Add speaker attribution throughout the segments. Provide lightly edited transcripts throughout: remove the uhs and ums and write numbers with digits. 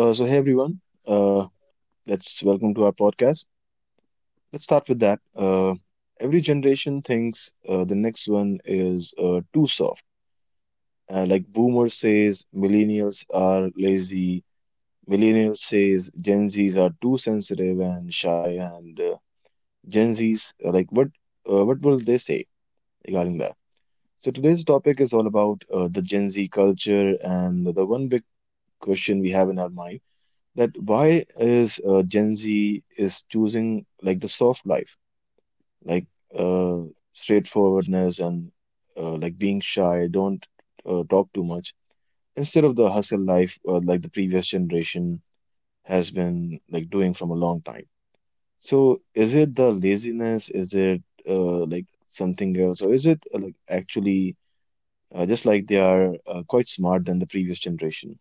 Speaker 1: So hey everyone, uh, let's welcome to our podcast. Let's start with that. Every generation thinks the next one is too soft. Like Boomer says, millennials are lazy. Millennials says Gen Zs are too sensitive and shy, and Gen Zs like what? What will they say regarding that? So today's topic is all about the Gen Z culture and the one big question we have in our mind that why is Gen Z is choosing like the soft life, like uh, straightforwardness and like being shy, don't talk too much, instead of the hustle life like the previous generation has been like doing from a long time. So is it the laziness? Is it like something else, or is it like actually just like they are quite smart than the previous generation?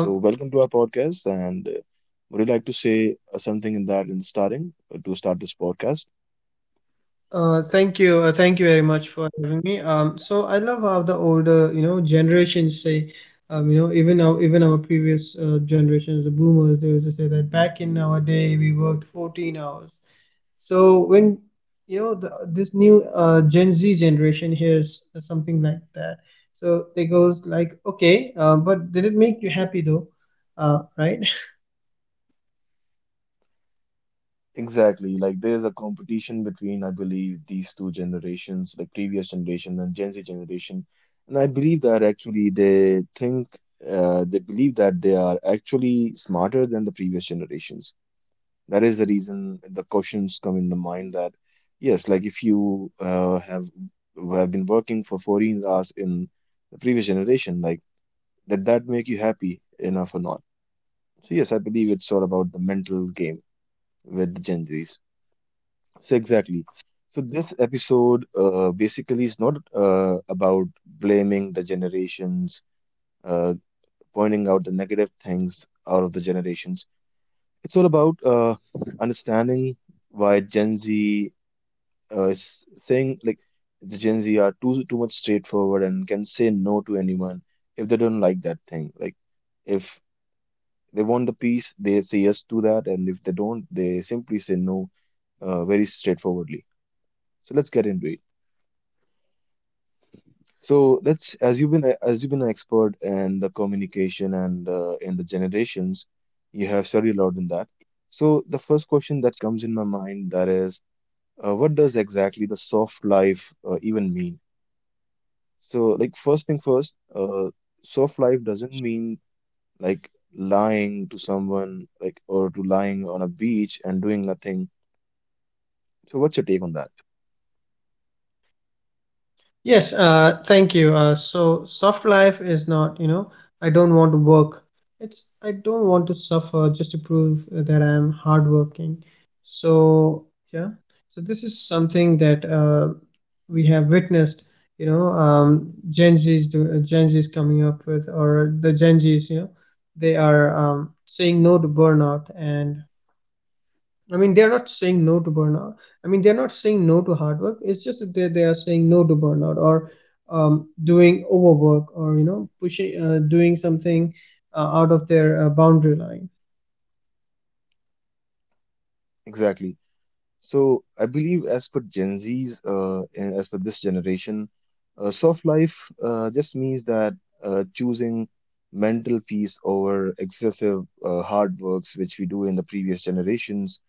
Speaker 1: So, welcome to our podcast. And would you like to say something in that, in starting to start this podcast?
Speaker 2: Thank you, thank you very much for having me. So I love how the older, you know, generations say, you know, even our previous generations, the boomers, they used to say that back in our day we worked 14 hours. So when you know this new Gen Z generation hears something like that, so they goes like, okay, but did it make you happy though? Right?
Speaker 1: Exactly. Like there's a competition between, I believe, these two generations, like previous generation and Gen Z generation. And I believe that actually they believe that they are actually smarter than the previous generations. That is the reason the questions come in the mind that, yes, like if you have been working for 14 hours in the previous generation, like did that make you happy enough or not? So yes, I believe it's all about the mental game with the Gen Zs. So exactly. So this episode basically is not about blaming the generations, uh, pointing out the negative things out of the generations. It's all about understanding why Gen Z is saying like the Gen Z are too much straightforward and can say no to anyone if they don't like that thing. Like if they want the peace, they say yes to that, and if they don't, they simply say no, very straightforwardly. So let's get into it. So let's, as you've been an expert in the communication and in the generations, you have studied a lot in that. So the first question that comes in my mind that is, what does exactly the soft life even mean? So like first thing first, soft life doesn't mean like lying to someone like or to lying on a beach and doing nothing. So, what's your take on that?
Speaker 2: Yes, thank you. So soft life is not, you know, I don't want to work. It's I don't want to suffer just to prove that I'm hardworking. So yeah, so this is something that we have witnessed. You know, Gen Z's coming up with, or the Gen Z's, you know, they are saying no to burnout and I mean, they're not saying no to burnout. I mean, they're not saying no to hard work. It's just that they are saying no to burnout or doing overwork or, you know, doing something out of their boundary line.
Speaker 1: Exactly. So, I believe as per Gen Z's, and as per this generation, soft life just means that choosing mental peace over excessive hard works, which we do in the previous generations,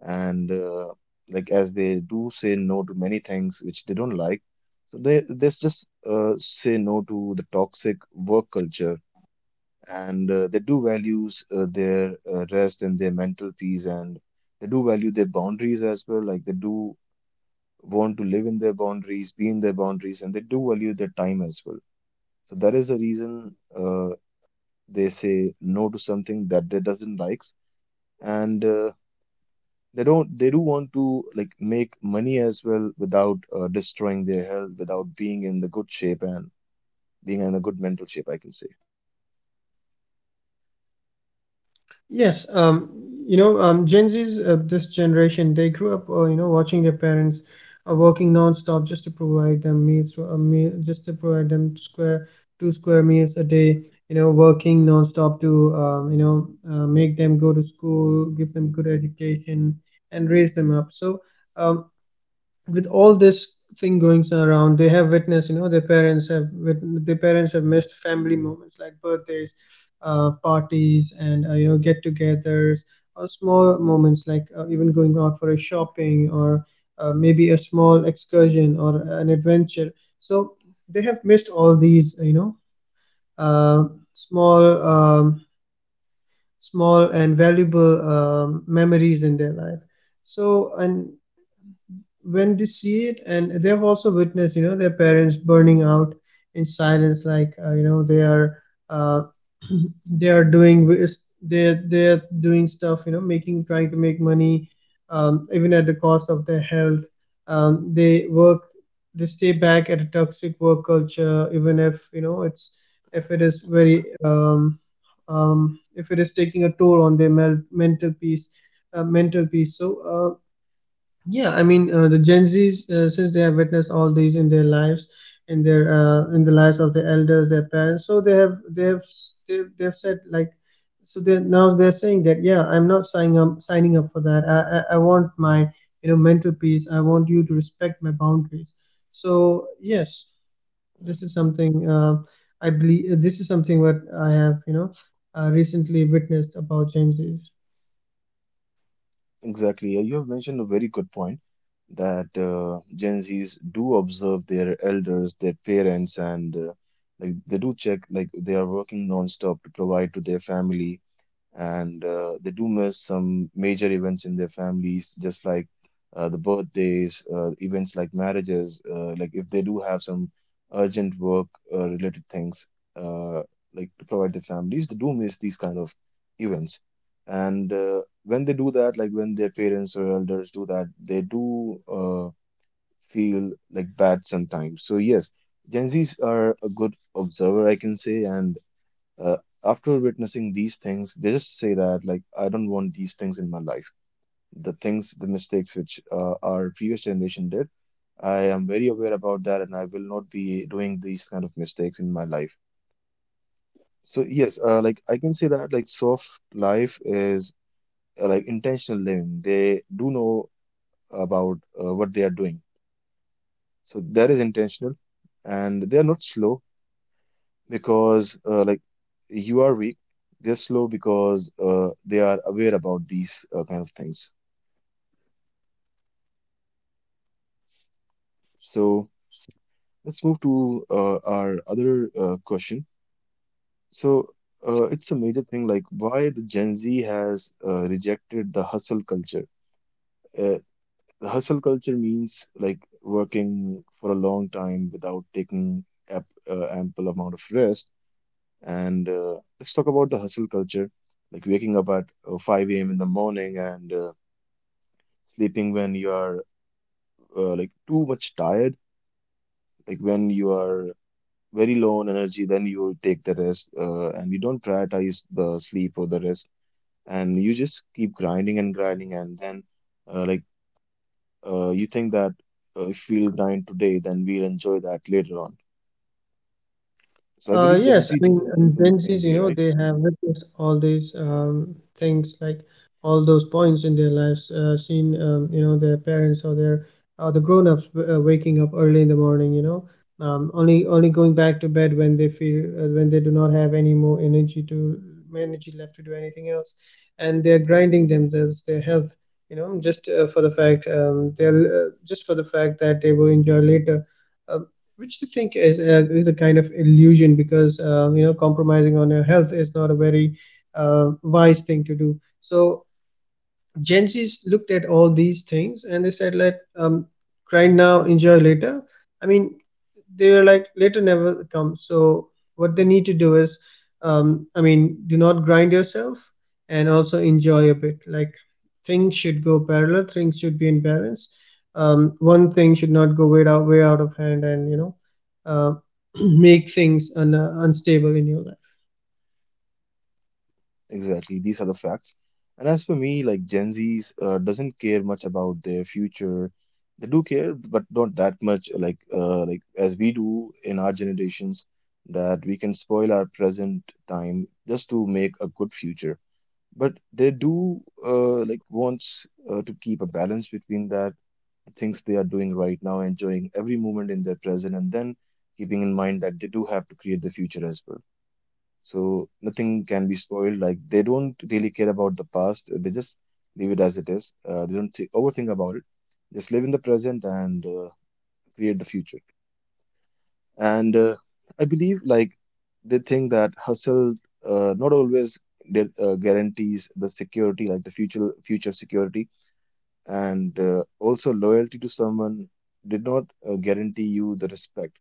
Speaker 1: and like as they do say no to many things which they don't like, so they just say no to the toxic work culture and they do values their rest and their mental peace, and they do value their boundaries as well, like they do want to live in their boundaries, be in their boundaries, and they do value their time as well. So that is the reason they say no to something that they doesn't likes, and they don't they do want to like make money as well without destroying their health, without being in the good shape and being in a good mental shape, I can say.
Speaker 2: Yes, you know, Gen Z's this generation, they grew up, you know, watching their parents working non-stop just to provide them just to provide them square two square meals a day. You know, working non-stop to, you know, make them go to school, give them good education, and raise them up. So, um, with all this thing going around, they have witnessed, you know, their parents have missed family moments like birthdays, parties, and, you know, get-togethers, or small moments like even going out for a shopping or maybe a small excursion or an adventure. So they have missed all these, you know, uh, small um, small and valuable memories in their life. So, and when they see it, and they have also witnessed, you know, their parents burning out in silence. Like you know, they are uh, they are doing wi- they they're doing stuff, you know, making, trying to make money, even at the cost of their health. Um, they work, they stay back at a toxic work culture even if, you know, it's if it is very if it is taking a toll on their mental peace, mental peace so yeah, I mean the Gen Zs, since they have witnessed all these in their lives, in their in the lives of their elders, their parents, so they've said like, so they now they're saying that yeah, I'm not signing up for that. I want my, you know, mental peace. I want you to respect my boundaries. So yes, this is something I believe. This is something what I have, you know, recently witnessed about Gen Zs.
Speaker 1: Exactly. You have mentioned a very good point that Gen Zs do observe their elders, their parents, and like they do check like they are working non-stop to provide to their family, and they do miss some major events in their families, just like the birthdays, events like marriages, like if they do have some urgent work related things, uh, like to provide their families, they do miss these kind of events. And when they do that, like when their parents or elders do that, they do feel like bad sometimes. So yes, Gen Zs are a good observer, I can say, and uh, after witnessing these things, they just say that, like, I don't want these things in my life. The mistakes which our previous generation did, I am very aware about that, and I will not be doing these kind of mistakes in my life. So yes, like I can say that like soft life is like intentional living. They do know about what they are doing, so that is intentional, and they are not slow. Because like you are weak, they're slow because they are aware about these kind of things. So let's move to our other question. So it's a major thing like why the Gen Z has rejected the hustle culture. uh, the hustle culture means like working for a long time without taking ample amount of rest. And let's talk about the hustle culture, like waking up at 5 a.m. in the morning and sleeping when you are like too much tired, like when you are very low on energy, then you take the rest and you don't prioritize the sleep or the rest, and you just keep grinding and grinding, and then uh, like you think that if we'll grind today, then we'll enjoy that later on. So I believe
Speaker 2: Uh,
Speaker 1: Gen Z
Speaker 2: yes, I mean,
Speaker 1: doesn't think in the
Speaker 2: Gen
Speaker 1: same
Speaker 2: Zs,
Speaker 1: way,
Speaker 2: you know,
Speaker 1: right?
Speaker 2: they have witnessed all these things, like all those points in their lives, seen, you know, their parents or their or the grown-ups waking up early in the morning, you know, only going back to bed when they feel when they do not have any more energy left to do anything else, and they're grinding themselves, their health, you know, just for the fact they'll just for the fact that they will enjoy later. Um, which I think is is a kind of illusion, because you know, compromising on your health is not a very wise thing to do. So Gen Z's looked at all these things and they said, "Let cry now, enjoy later." I mean, they were like, "Later never comes." So what they need to do is, I mean, do not grind yourself and also enjoy a bit. Like things should go parallel, things should be in balance. One thing should not go way out of hand, and you know, uh, make things unstable in your life.
Speaker 1: Exactly, these are the facts. And as for me, like Gen Zs doesn't care much about their future. They do care, but not that much, like as we do in our generations, that we can spoil our present time just to make a good future. But they do like wants to keep a balance between that, the things they are doing right now, enjoying every moment in their present, and then keeping in mind that they do have to create the future as well. So nothing can be spoiled. Like they don't really care about the past. They just leave it as it is. They don't thi- overthink about it. Just live in the present and create the future. And I believe like they think that hustle not always guarantees the security, like the future security, and also loyalty to someone did not guarantee you the respect.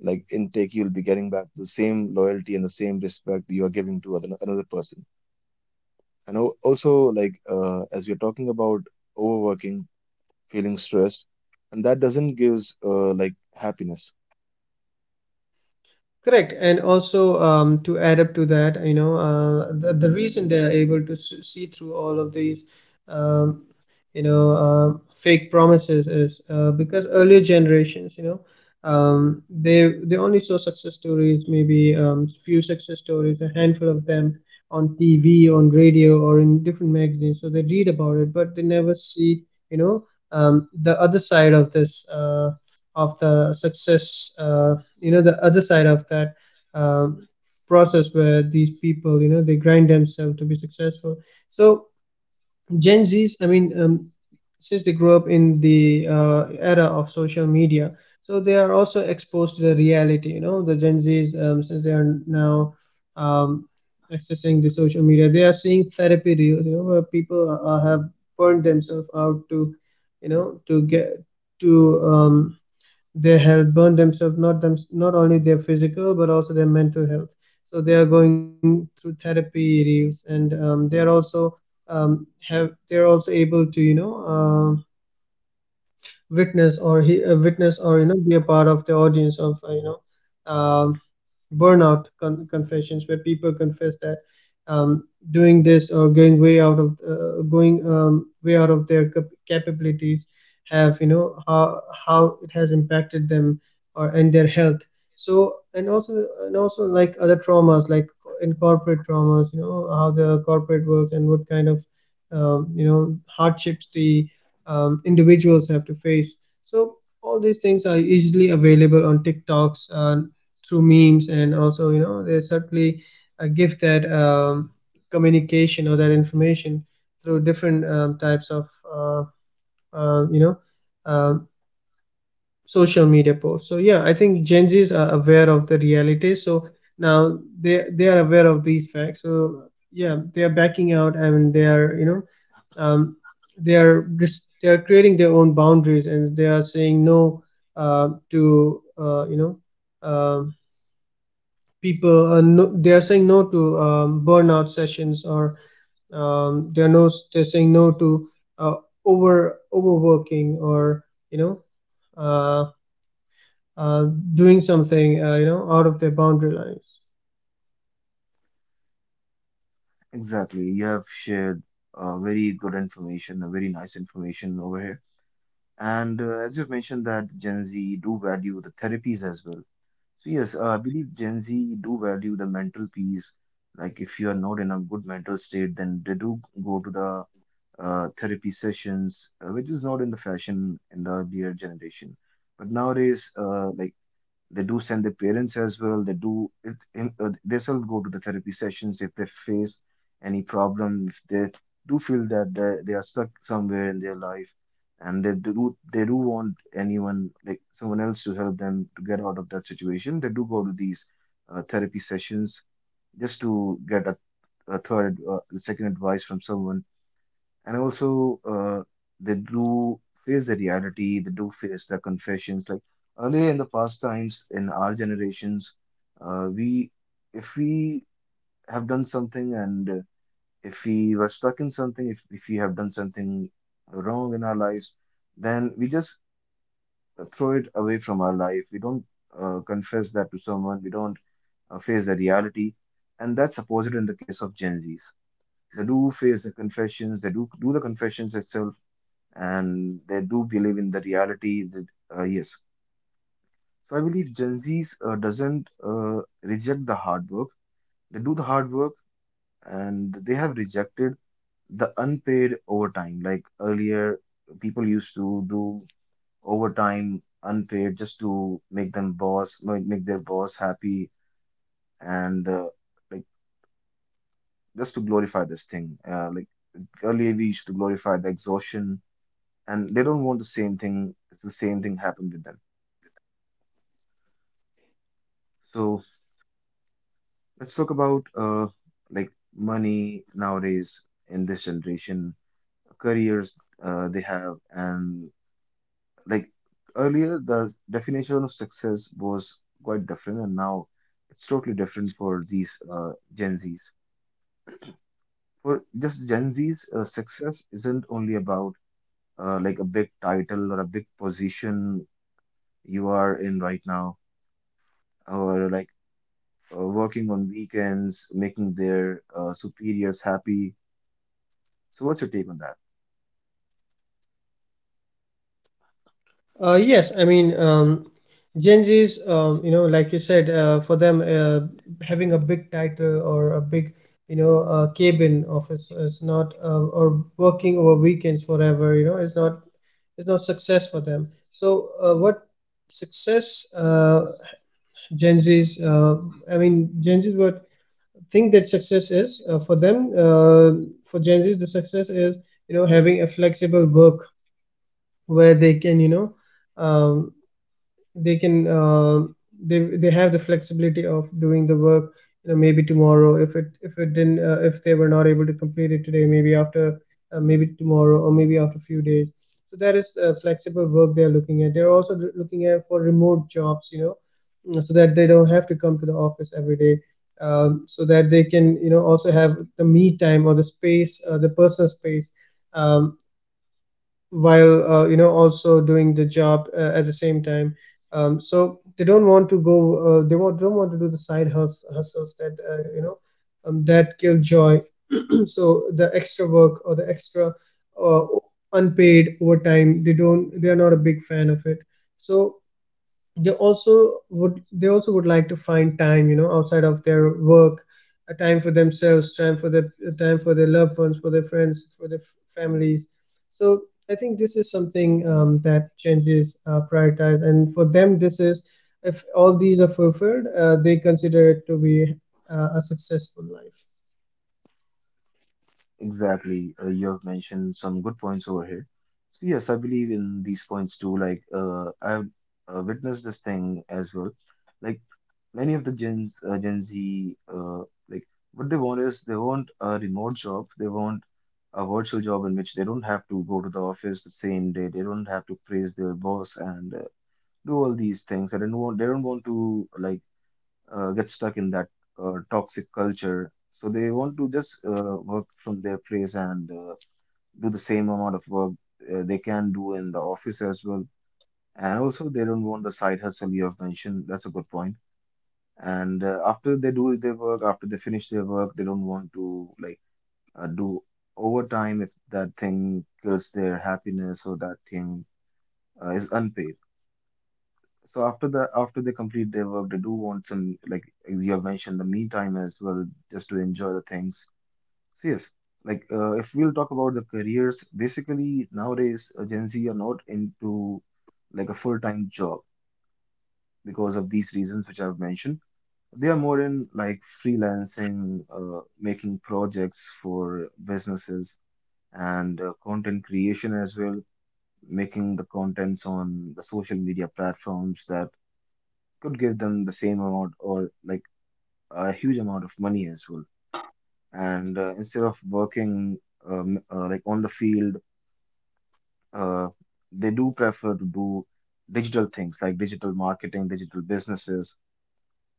Speaker 1: Like intake, you'll be getting back the same loyalty and the same respect you are giving to another person. And also, like as we're talking about overworking, feeling stressed, and that doesn't gives like happiness.
Speaker 2: Correct, and also to add up to that, you know, the reason they are able to see through all of these um, you know, fake promises is because earlier generations, you know, they only saw success stories, maybe few success stories, a handful of them, on TV, on radio, or in different magazines, so they read about it, but they never see, you know, the other side of this of the success, you know, the other side of that um, process where these people, you know, they grind themselves to be successful. So Gen Zs, I mean, since they grew up in the era of social media, so they are also exposed to the reality. You know, the Gen Z's since they are now um, accessing the social media, they are seeing therapy reels, you know, where people have burned themselves out to, you know, to get to their health, burned themselves, not only their physical but also their mental health. So they are going through therapy reels, and they are also have they're also able to, you know, witness or, you know, be a part of the audience of, you know, um, burnout confessions, where people confess that doing this or going way out of their capabilities, have, you know, how it has impacted them or and their health. So, and also, and also like other traumas, like in corporate traumas, you know, how the corporate works and what kind of you know, hardships the individuals have to face. So all these things are easily available on TikToks, through memes, and also, you know, they certainly give that communication or that information through different types of you know, uh, social media posts. So yeah, I think Gen Zs are aware of the reality. So now they are aware of these facts. So yeah, they are backing out, and they are, you know, um, they are just they are creating their own boundaries, and they are saying no, to you know, um, people. No, they are saying no to burnout sessions, or they're saying no to uh, overworking, or you know. Uh, uh, Doing something you know, out of their boundary lines.
Speaker 1: Exactly. You have shared very good information, a very nice information over here. And as you've mentioned that Gen Z do value the therapies as well. So yes, I believe Gen Z do value the mental peace. Like if you are not in a good mental state, then they do go to the therapy sessions, which is not in the fashion in the earlier generation. But nowadays, like they do send their parents as well. They do it, they still go to the therapy sessions if they face any problem, if they do feel that they are stuck somewhere in their life, and they do want anyone like someone else to help them to get out of that situation. They do go to these therapy sessions just to get a second advice from someone. And also they do face the reality, they do face the confessions. Like earlier in the past times in our generations, we, if we have done something, and if we were stuck in something, if we have done something wrong in our lives, then we just throw it away from our life. We don't confess that to someone, we don't face the reality. And that's opposite in the case of Gen Z's. They do face the confessions, they do do the confessions itself, and they do believe in the reality that yes. So I believe Gen Z's doesn't reject the hard work. They do the hard work, and they have rejected the unpaid overtime. Like earlier, people used to do overtime unpaid just to make them boss, make their boss happy. And like just to glorify this thing, like earlier we used to glorify the exhaustion, and they don't want the same thing. It's the same thing happened with them. So let's talk about like money nowadays in this generation, careers they have, and like earlier, the definition of success was quite different, and now it's totally different for these Gen Zs. For just Gen Zs, success isn't only about like a big title or a big position you are in right now, or like working on weekends, making their superiors happy. So, what's your take on that?
Speaker 2: Yes, I mean, Gen Z's, you know, like you said, for them, having a big title or a big, you know, cabin office is not, or working over weekends forever, you know, is not success for them. So, what success, Gen Zs, uh, I mean, Gen Zs, what think that success is for them. For Gen Zs, the success is, you know, having a flexible work where they can, you know, um, they can uh, they have the flexibility of doing the work, you know. Maybe tomorrow, if it didn't, if they were not able to complete it today, maybe after maybe tomorrow, or maybe after a few days. So that is flexible work they are looking at. They're also looking at for remote jobs, you know, mm, so that they don't have to come to the office every day, so that they can, you know, also have the me time or the space, the personal space, um, while you know, also doing the job at the same time. Um, so they don't want to go, don't want to do the side hustles that, you know, that kill joy. So the extra work, or the extra uh, unpaid overtime, they are not a big fan of it. So they also would like to find time, you know, outside of their work, a time for themselves, time for their loved ones, for their friends, for their families. So I think this is something that changes prioritize, and for them, this is, if all these are fulfilled, they consider it to be a successful life.
Speaker 1: Exactly. You have mentioned some good points over here. So yes, I believe in these points too. Like I've witnessed this thing as well. Like many of the Gen Z, like what they want is they want a remote job. They want a virtual job in which they don't have to go to the office the same day. They don't have to praise their boss and do all these things. I don't want. They don't want to like get stuck in that toxic culture. So they want to just work from their place and do the same amount of work they can do in the office as well. And also, they don't want the side hustle you have mentioned. That's a good point. And after they do their work, after they finish their work, they don't want to like do overtime if that thing kills their happiness or that thing is unpaid. So after the after they complete their work, they do want some like, you have mentioned the me time as well, just to enjoy the things. So yes, like if we'll talk about the careers, basically nowadays Gen Z are not into like a full-time job because of these reasons which I've mentioned. They are more in like freelancing, making projects for businesses and content creation as well, making the contents on the social media platforms that could give them the same amount or like a huge amount of money as well. And instead of working like on the field, uh, they do prefer to do digital things like digital marketing, digital businesses,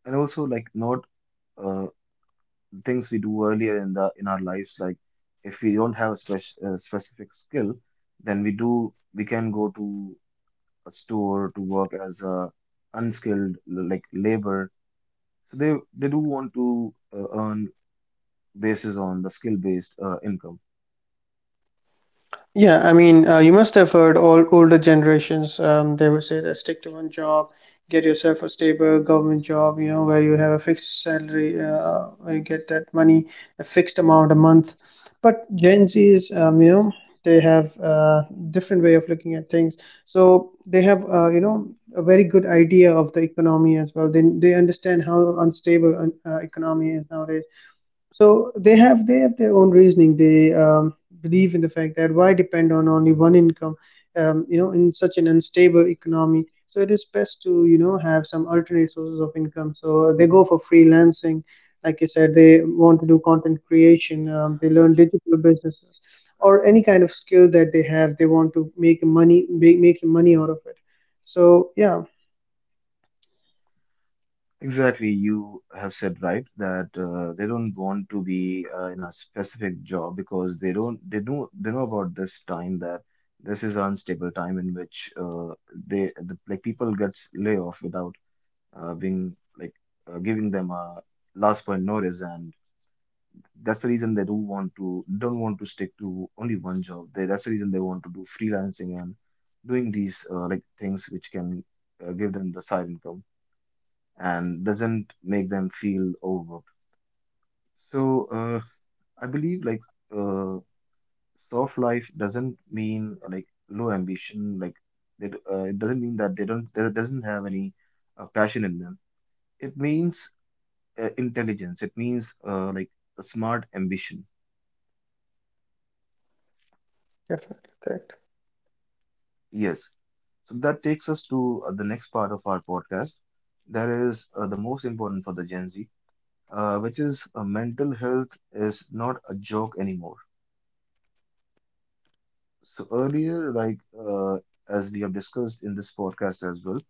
Speaker 1: and also like not uh, things we do earlier in the in our lives. Like if we don't have a specific skill, then we can go to a store to work as a unskilled like labor. So they do want to earn basis on the skill based income.
Speaker 2: Yeah, I mean, you must have heard all older generations, they would say that stick to one job, get yourself a stable government job, you know, where you have a fixed salary, where you get that money, a fixed amount a month. But Gen Zs, you know, they have a different way of looking at things. So they have, you know, a very good idea of the economy as well. They understand how unstable an economy is nowadays, so they have their own reasoning. They believe in the fact that why depend on only one income, you know, in such an unstable economy. So it is best to, you know, have some alternate sources of income. So they go for freelancing, like you said. They want to do content creation. They learn digital businesses or any kind of skill that they have. They want to make money, make some money out of it. So yeah,
Speaker 1: Exactly, you have said right that they don't want to be in a specific job because they don't they know, they know about this time that this is an unstable time in which like people gets lay off without being like giving them a last point notice, and that's the reason they do want to don't want to stick to only one job. That's the reason they want to do freelancing and doing these like things which can give them the side income and doesn't make them feel overwhelmed. So I believe uh, soft life doesn't mean like low ambition. Like it doesn't mean that they doesn't have any passion in them. It means intelligence. It means like a smart ambition.
Speaker 2: definitely correct.
Speaker 1: Yes. So that takes us to the next part of our podcast. That is the most important for the Gen Z, which is mental health is not a joke anymore. So earlier, as we have discussed in this podcast as well,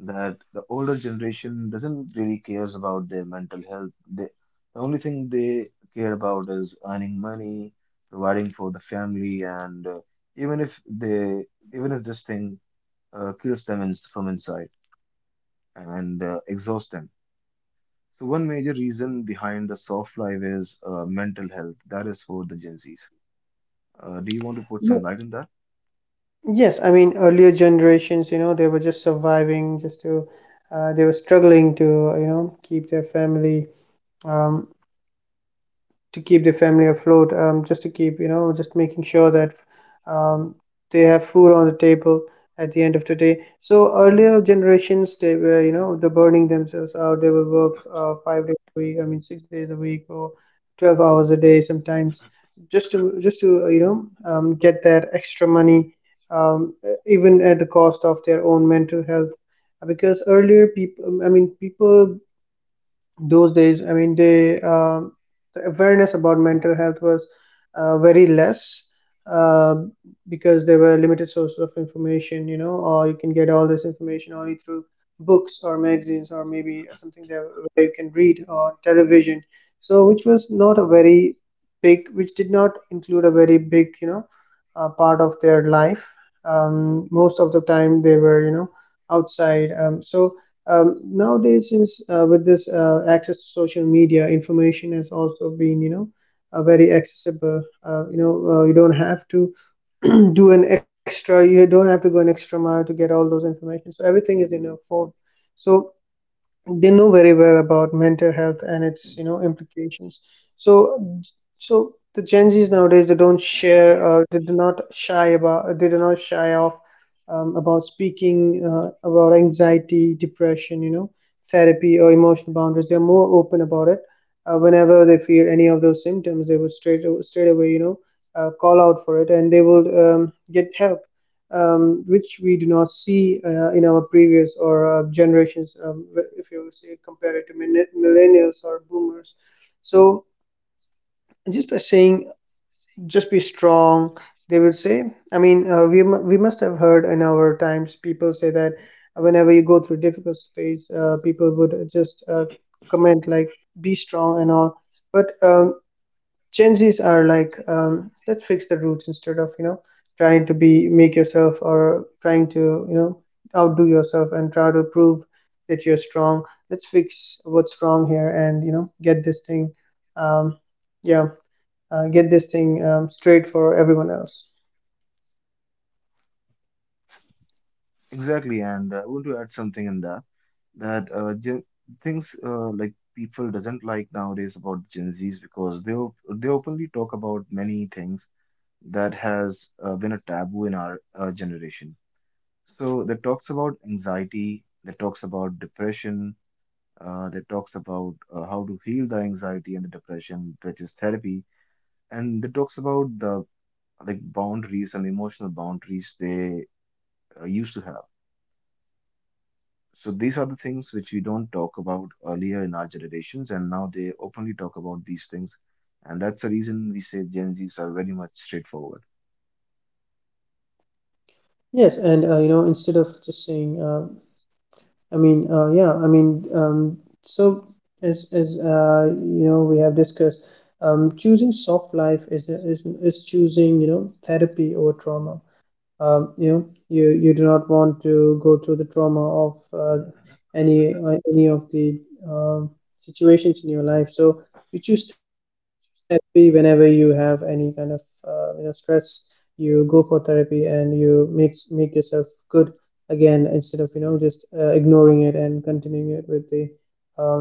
Speaker 1: that the older generation doesn't really cares about their mental health. They, the only thing they care about is earning money, providing for the family, and even if they, even if this thing kills them in, from inside, and exhausts them. So one major reason behind the soft life is mental health. That is for the Gen Zs. Do you want to put some light on that?
Speaker 2: Yes, I mean earlier generations, you know, they were just surviving, they were struggling to, you know, keep their family. Um, to keep their family afloat, just to keep, you know, just making sure that um, they have food on the table at the end of the day. So earlier generations, they were, you know, they're burning themselves out. They will work 5 days a week. I mean, 6 days a week or 12 hours a day sometimes, just to you know, get that extra money, even at the cost of their own mental health. Because earlier people, those days, I mean, the awareness about mental health was very less, uh, because there were limited sources of information, you know, or you can get all this information only through books or magazines or maybe something that, where you can read on television, so which was not a very big, which did not include a very big, you know, part of their life. Most of the time they were, you know, outside. So nowadays, since with this access to social media, information has also been, you know, very accessible. You know, you don't have to do an extra, you don't have to go an extra mile to get all those information, so everything is in your phone. So they know very well about mental health and its, you know, implications. So so the Gen Z's nowadays, they don't share, they do not shy about, they do not shy off, about speaking about anxiety, depression, you know, therapy, or emotional boundaries. They're more open about it. Whenever they feel any of those symptoms, they would straight away, you know, call out for it, and they would, get help, which we do not see in our previous or generations, if you say compare it to millennials or boomers. So, just by saying, just be strong, they will say. I mean, we must have heard in our times people say that whenever you go through difficult phase, people would just comment like, "Be strong" and all. But Gen Zs are like, let's fix the roots instead of, you know, trying to be make yourself or trying to, you know, outdo yourself and try to prove that you're strong. Let's fix what's wrong here and, you know, get this thing, um, yeah, get this thing straight for everyone else.
Speaker 1: Exactly, and I want to add something in that. That gen things, like people doesn't like nowadays about Gen Zs because they openly talk about many things that has been a taboo in our generation. So that talks about anxiety, that talks about depression, that talks about how to heal the anxiety and the depression, which is therapy, and that talks about the like boundaries and emotional boundaries they used to have. So these are the things which we don't talk about earlier in our generations, and now they openly talk about these things. And that's the reason we say Gen Zs are very much straightforward.
Speaker 2: Yes, and you know, instead of just saying so, as you know, we have discussed, choosing soft life is choosing, you know, therapy over trauma. You know, you do not want to go through the trauma of any of the um, situations in your life, so you choose therapy. Whenever you have any kind of you know, stress, you go for therapy and you make yourself good again, instead of, you know, just ignoring it and continuing it with the um,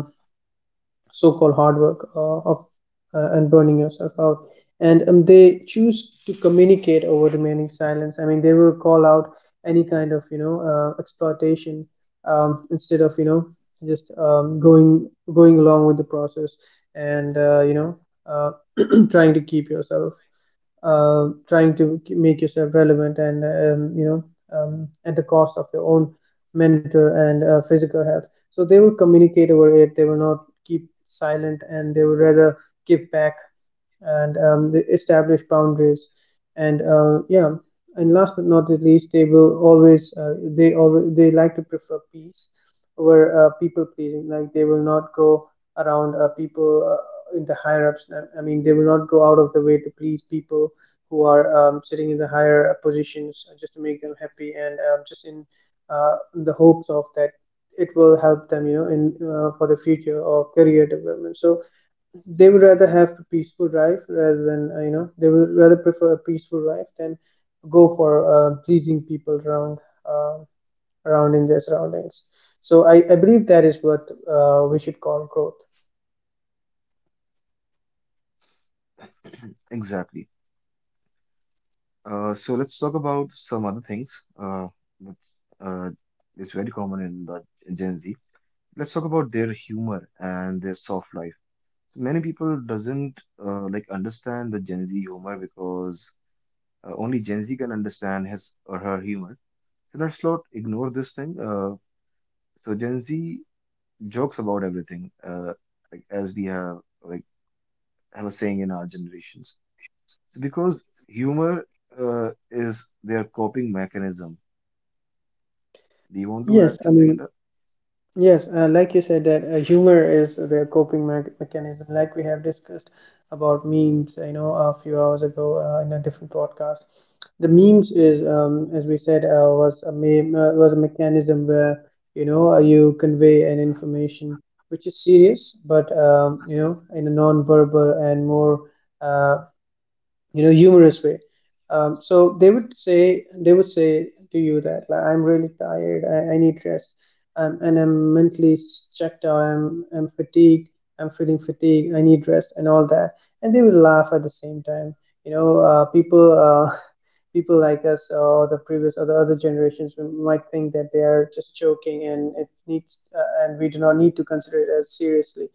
Speaker 2: so-called hard work, of and burning yourself out. And they choose to communicate over remaining silence. I mean, they will call out any kind of, you know, exploitation, instead of, you know, just going, going along with the process and, uh, trying to keep yourself, trying to make yourself relevant and, you know, at the cost of your own mental and physical health. So they will communicate over it, they will not keep silent, and they would rather give back. And they establish boundaries. And yeah, and last but not least, they will always, they always, they like to prefer peace over people pleasing. Like they will not go around people in the higher ups. I mean, they will not go out of the way to please people who are, sitting in the higher positions just to make them happy and, in the hopes of that it will help them, you know, in for the future or career development. So they would rather have a peaceful life rather than, they would rather prefer a peaceful life than go for pleasing people around, uh, around in their surroundings. So I believe that is what we should call growth.
Speaker 1: Exactly. So let's talk about some other things which uh, is very common in the Gen Z. Let's talk about their humor and their soft life. Many people doesn't like understand the Gen Z humor because only Gen Z can understand his or her humor. So let's not ignore this thing. So Gen Z jokes about everything, like as we have a saying in our generations. So because humor is their coping mechanism. Do you want to
Speaker 2: yes
Speaker 1: add
Speaker 2: i
Speaker 1: something in
Speaker 2: mean
Speaker 1: that?
Speaker 2: Yes, like you said, that humor is the coping me mechanism. Like we have discussed about memes, you know, a few hours ago in a different podcast. The memes is, as we said, was a meme, was a mechanism where, you know, you convey an information which is serious, but, you know, in a non-verbal and more, uh, you know, humorous way. So they would say, they would say to you that, like, I'm really tired, I need rest, and I'm mentally checked out, I'm fatigued, I'm feeling fatigued, I need rest and all that, and they will laugh at the same time, you know. People people like us or the previous or the other generations, we might think that they are just joking, and it needs, and we do not need to consider it as seriously,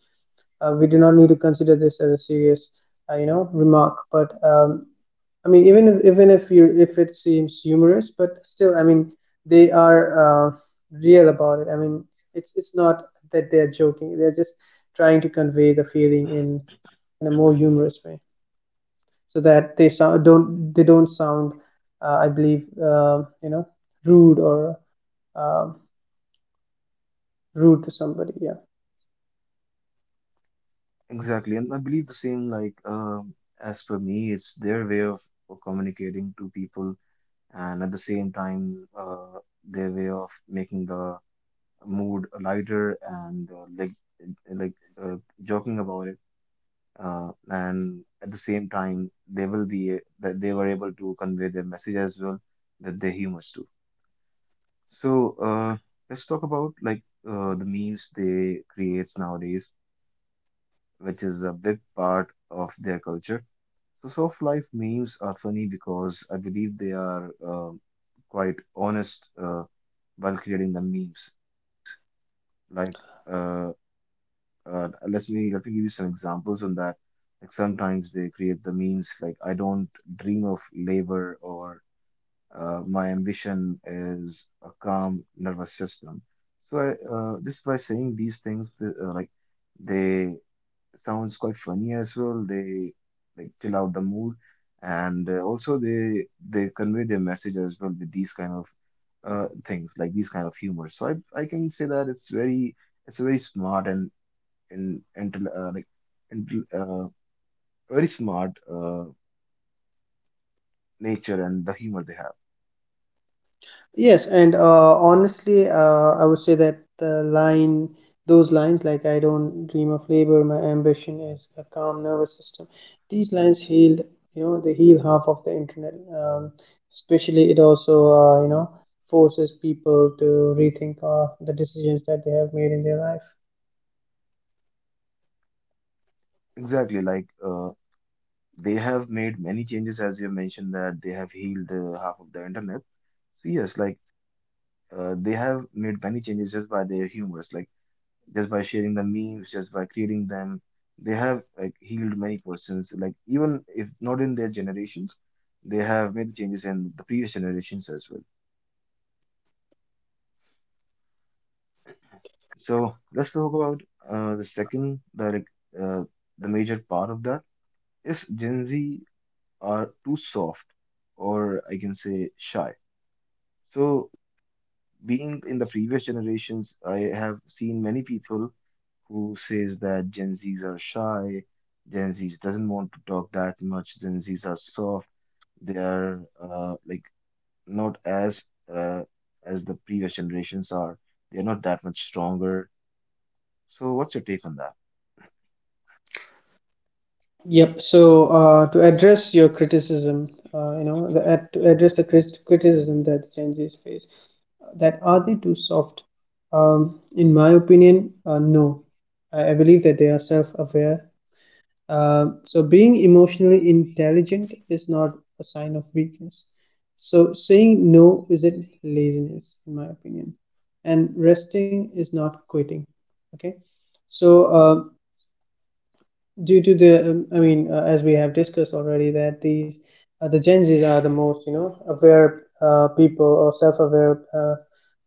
Speaker 2: we do not need to consider this as a serious, you know, remark. But, I mean, even if you, if it seems humorous, but still, I mean, they are, real about it. I mean, it's not that they're joking. They're just trying to convey the feeling in a more humorous way, so that they sound, don't, they don't sound, I believe, you know, rude or uh, rude to somebody. Yeah.
Speaker 1: Exactly, and I believe the same. Like as per me, it's their way of communicating to people, and at the same time, their way of making the mood lighter and like joking about it. And at the same time, they will be that they were able to convey their message as well, that they're humans too. So let's talk about the memes they creates nowadays, which is a big part of their culture. So soft life memes are funny because I believe they are quite honest while creating the memes. Like uh, let me, let me give you some examples on that. Like sometimes they create the means like, "I don't dream of labor," or "my ambition is a calm nervous system." So just by saying these things, like they sounds quite funny as well. They like chill out the mood, and also they convey their message as well with these kind of things, like these kind of humor. So I can say that it's very, it's a very smart and like and very smart nature and the humor they have.
Speaker 2: Yes, and honestly, I would say that the line, those lines like "I don't dream of labor, my ambition is a calm nervous system," these lines healed, you know, they heal half of the internet. Especially, it also, you know, forces people to rethink the decisions that they have made in their life.
Speaker 1: Exactly, like they have made many changes, as you have mentioned that they have healed half of the internet. So yes, like they have made many changes just by their humors, like just by sharing the memes, just by creating them. They have like healed many persons, like even if not in their generations, they have made changes in the previous generations as well. So let's talk about the second, uh, the major part of that is Gen Z are too soft, or I can say shy. So being in the previous generations, I have seen many people who says that Gen Zs are shy, Gen Zs doesn't want to talk that much, Gen Zs are soft, they are like not as uh, as the previous generations are. They are not that much stronger. So what's your take on that?
Speaker 2: Yep. So to address your criticism, you know, to address the criticism that Gen Z faces, that are they too soft? In my opinion, no. I believe that they are self-aware. So being emotionally intelligent is not a sign of weakness. So saying no isn't laziness, in my opinion, and resting is not quitting. Okay, so. Due to the as we have discussed already that these, the Gen Z's are the most, you know, aware people or self-aware, uh,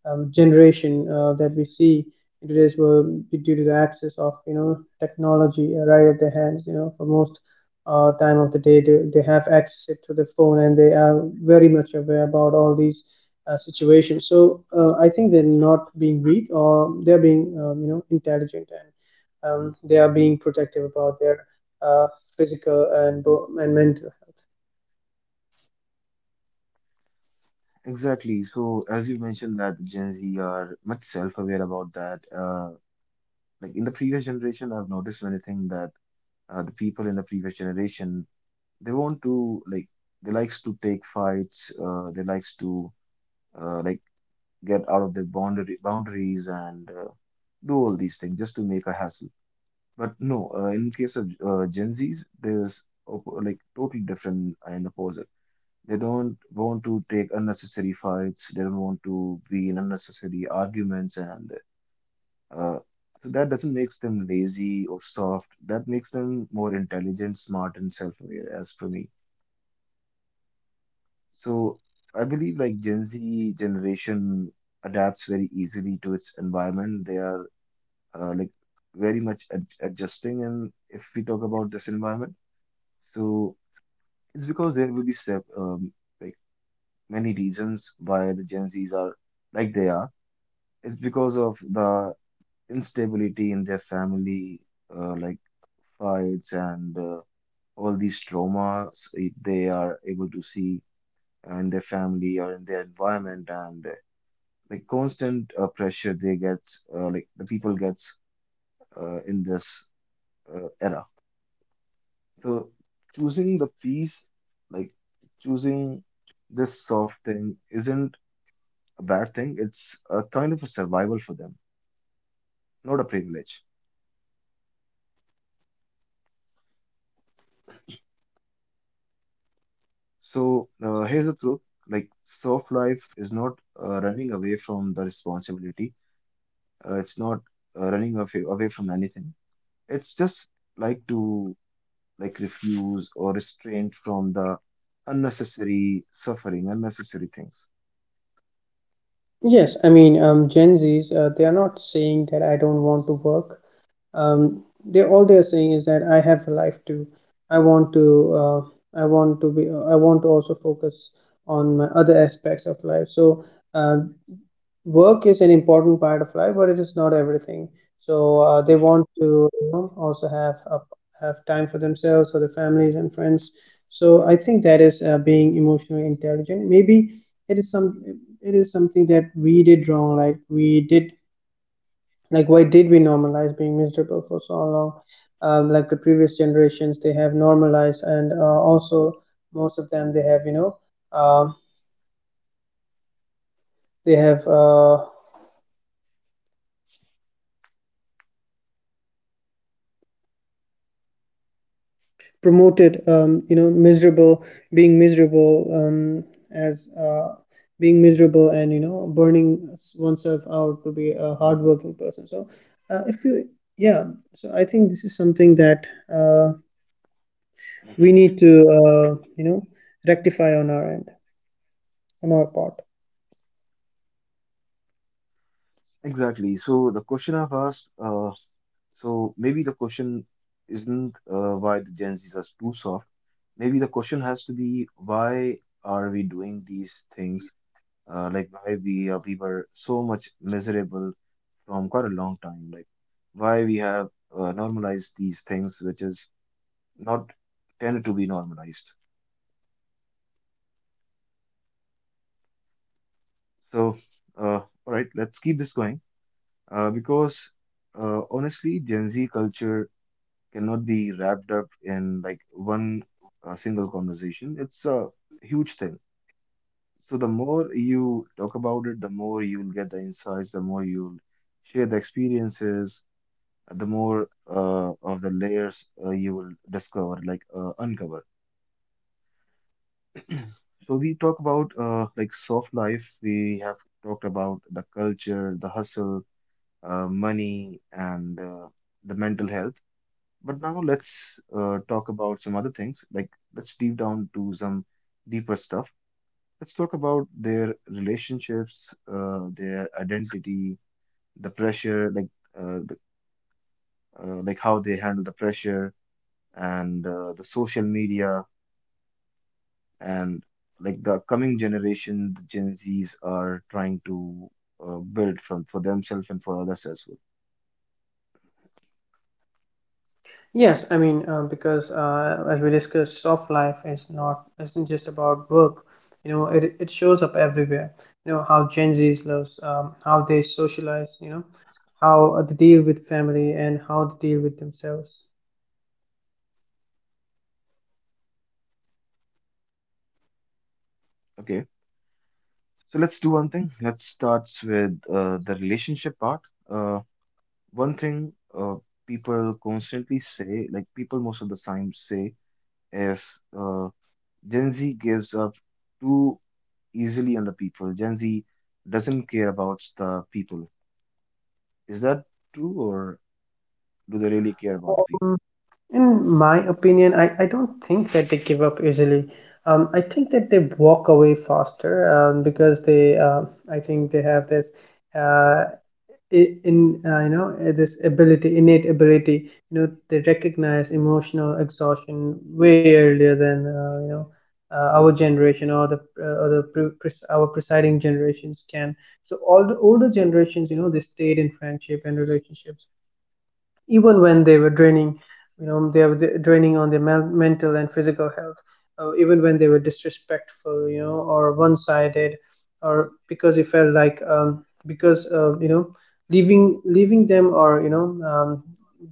Speaker 2: um, generation that we see in today's world, due to the access of, you know, technology right at their hands, you know, for most time of the day, they have access it to the phone, and they are very much aware about all these situations. So I think they're not being weak, or they're being, you know, intelligent, and they are being protective about their uh, physical and and mental health.
Speaker 1: Exactly. So, as you mentioned that Gen Z are much self-aware about that. Like in the previous generation, I've noticed many things that the people in the previous generation, they want to they likes to take fights. They likes to like get out of their boundary boundaries and do all these things just to make a hassle. But no, in case of Gen Zs, there's op like totally different and opposite. They don't want to take unnecessary fights. They don't want to be in unnecessary arguments, and uh, so that doesn't make them lazy or soft. That makes them more intelligent, smart, and self-aware, as for me. So I believe like Gen Z generation adapts very easily to its environment. They are like very much ad adjusting, and if we talk about this environment, so it's because there will be sep like many reasons why the Gen Zs are like they are. It's because of the instability in their family, like fights and all these traumas if they are able to see in their family or in their environment, and like constant pressure they get, like the people gets in this era. So choosing the peace, like choosing this soft thing, isn't a bad thing. It's a kind of a survival for them, not a privilege. So here's the truth. Like soft life is not running away from the responsibility. It's not running away, away from anything. It's just like to like refuse or restrain from the unnecessary suffering, unnecessary things.
Speaker 2: Yes, I mean, Gen Zs, they are not saying that I don't want to work. They, all they are saying is that I have a life too. I want to, I want to be I want to also focus on my other aspects of life. So uh, work is an important part of life, but it is not everything. So they want to, you know, also have time for themselves, for their families and friends. So I think that is being emotionally intelligent. Maybe it is some, it is something that we did wrong. Like we did, like why did we normalize being miserable for so long? Like the previous generations, they have normalized, and also most of them, they have, you know, uh, they have. Promoted miserable being miserable um, as being miserable, and burning oneself out to be a hardworking person. So if you yeah, so I think this is something that uh, we need to uh, you know rectify on our end, on our part.
Speaker 1: Exactly. So the question I've asked, so maybe the question isn't why the Gen Zs are too soft. Maybe the question has to be why are we doing these things, like why we were so much miserable from quite a long time, like why we have normalized these things which is not tended to be normalized. So, all right, let's keep this going because honestly, Gen Z culture cannot be wrapped up in like one single conversation. It's a huge thing. So the more you talk about it, the more you'll get the insights, the more you'll share the experiences, the more of the layers you will discover, like uncover. So we talk about like soft life. We have talked about the culture, the hustle, money, and the mental health. But now let's talk about some other things. Like let's deep down to some deeper stuff. Let's talk about their relationships, their identity, the pressure, like uh, the, like how they handle the pressure, and the social media, and like the coming generation, the Gen Zs are trying to build from for themselves and for others as well.
Speaker 2: Yes, I mean, because as we discussed, soft life is not isn't just about work. You know, it shows up everywhere. You know how Gen Z's lives, how they socialize, you know, how they deal with family and how they deal with themselves.
Speaker 1: Okay, so let's do one thing. Let's start with the relationship part. Uh, One thing people constantly say, like people most of the time say, is Gen Z gives up too easily on the people. Gen Z doesn't care about the people. Is that true, or do they really care about the people?
Speaker 2: Um, in my opinion, I don't think that they give up easily. I think that they walk away faster, because I think they have this uh, I- in you know this ability innate ability. You know, they recognize emotional exhaustion way earlier than our generation, or the pre- pres- our presiding generations can. So all the older generations, you know, they stayed in friendship and relationships even when they were draining. You know, they were draining on their mental and physical health, even when they were disrespectful, you know, or one-sided, or because it felt like, because, leaving them, or,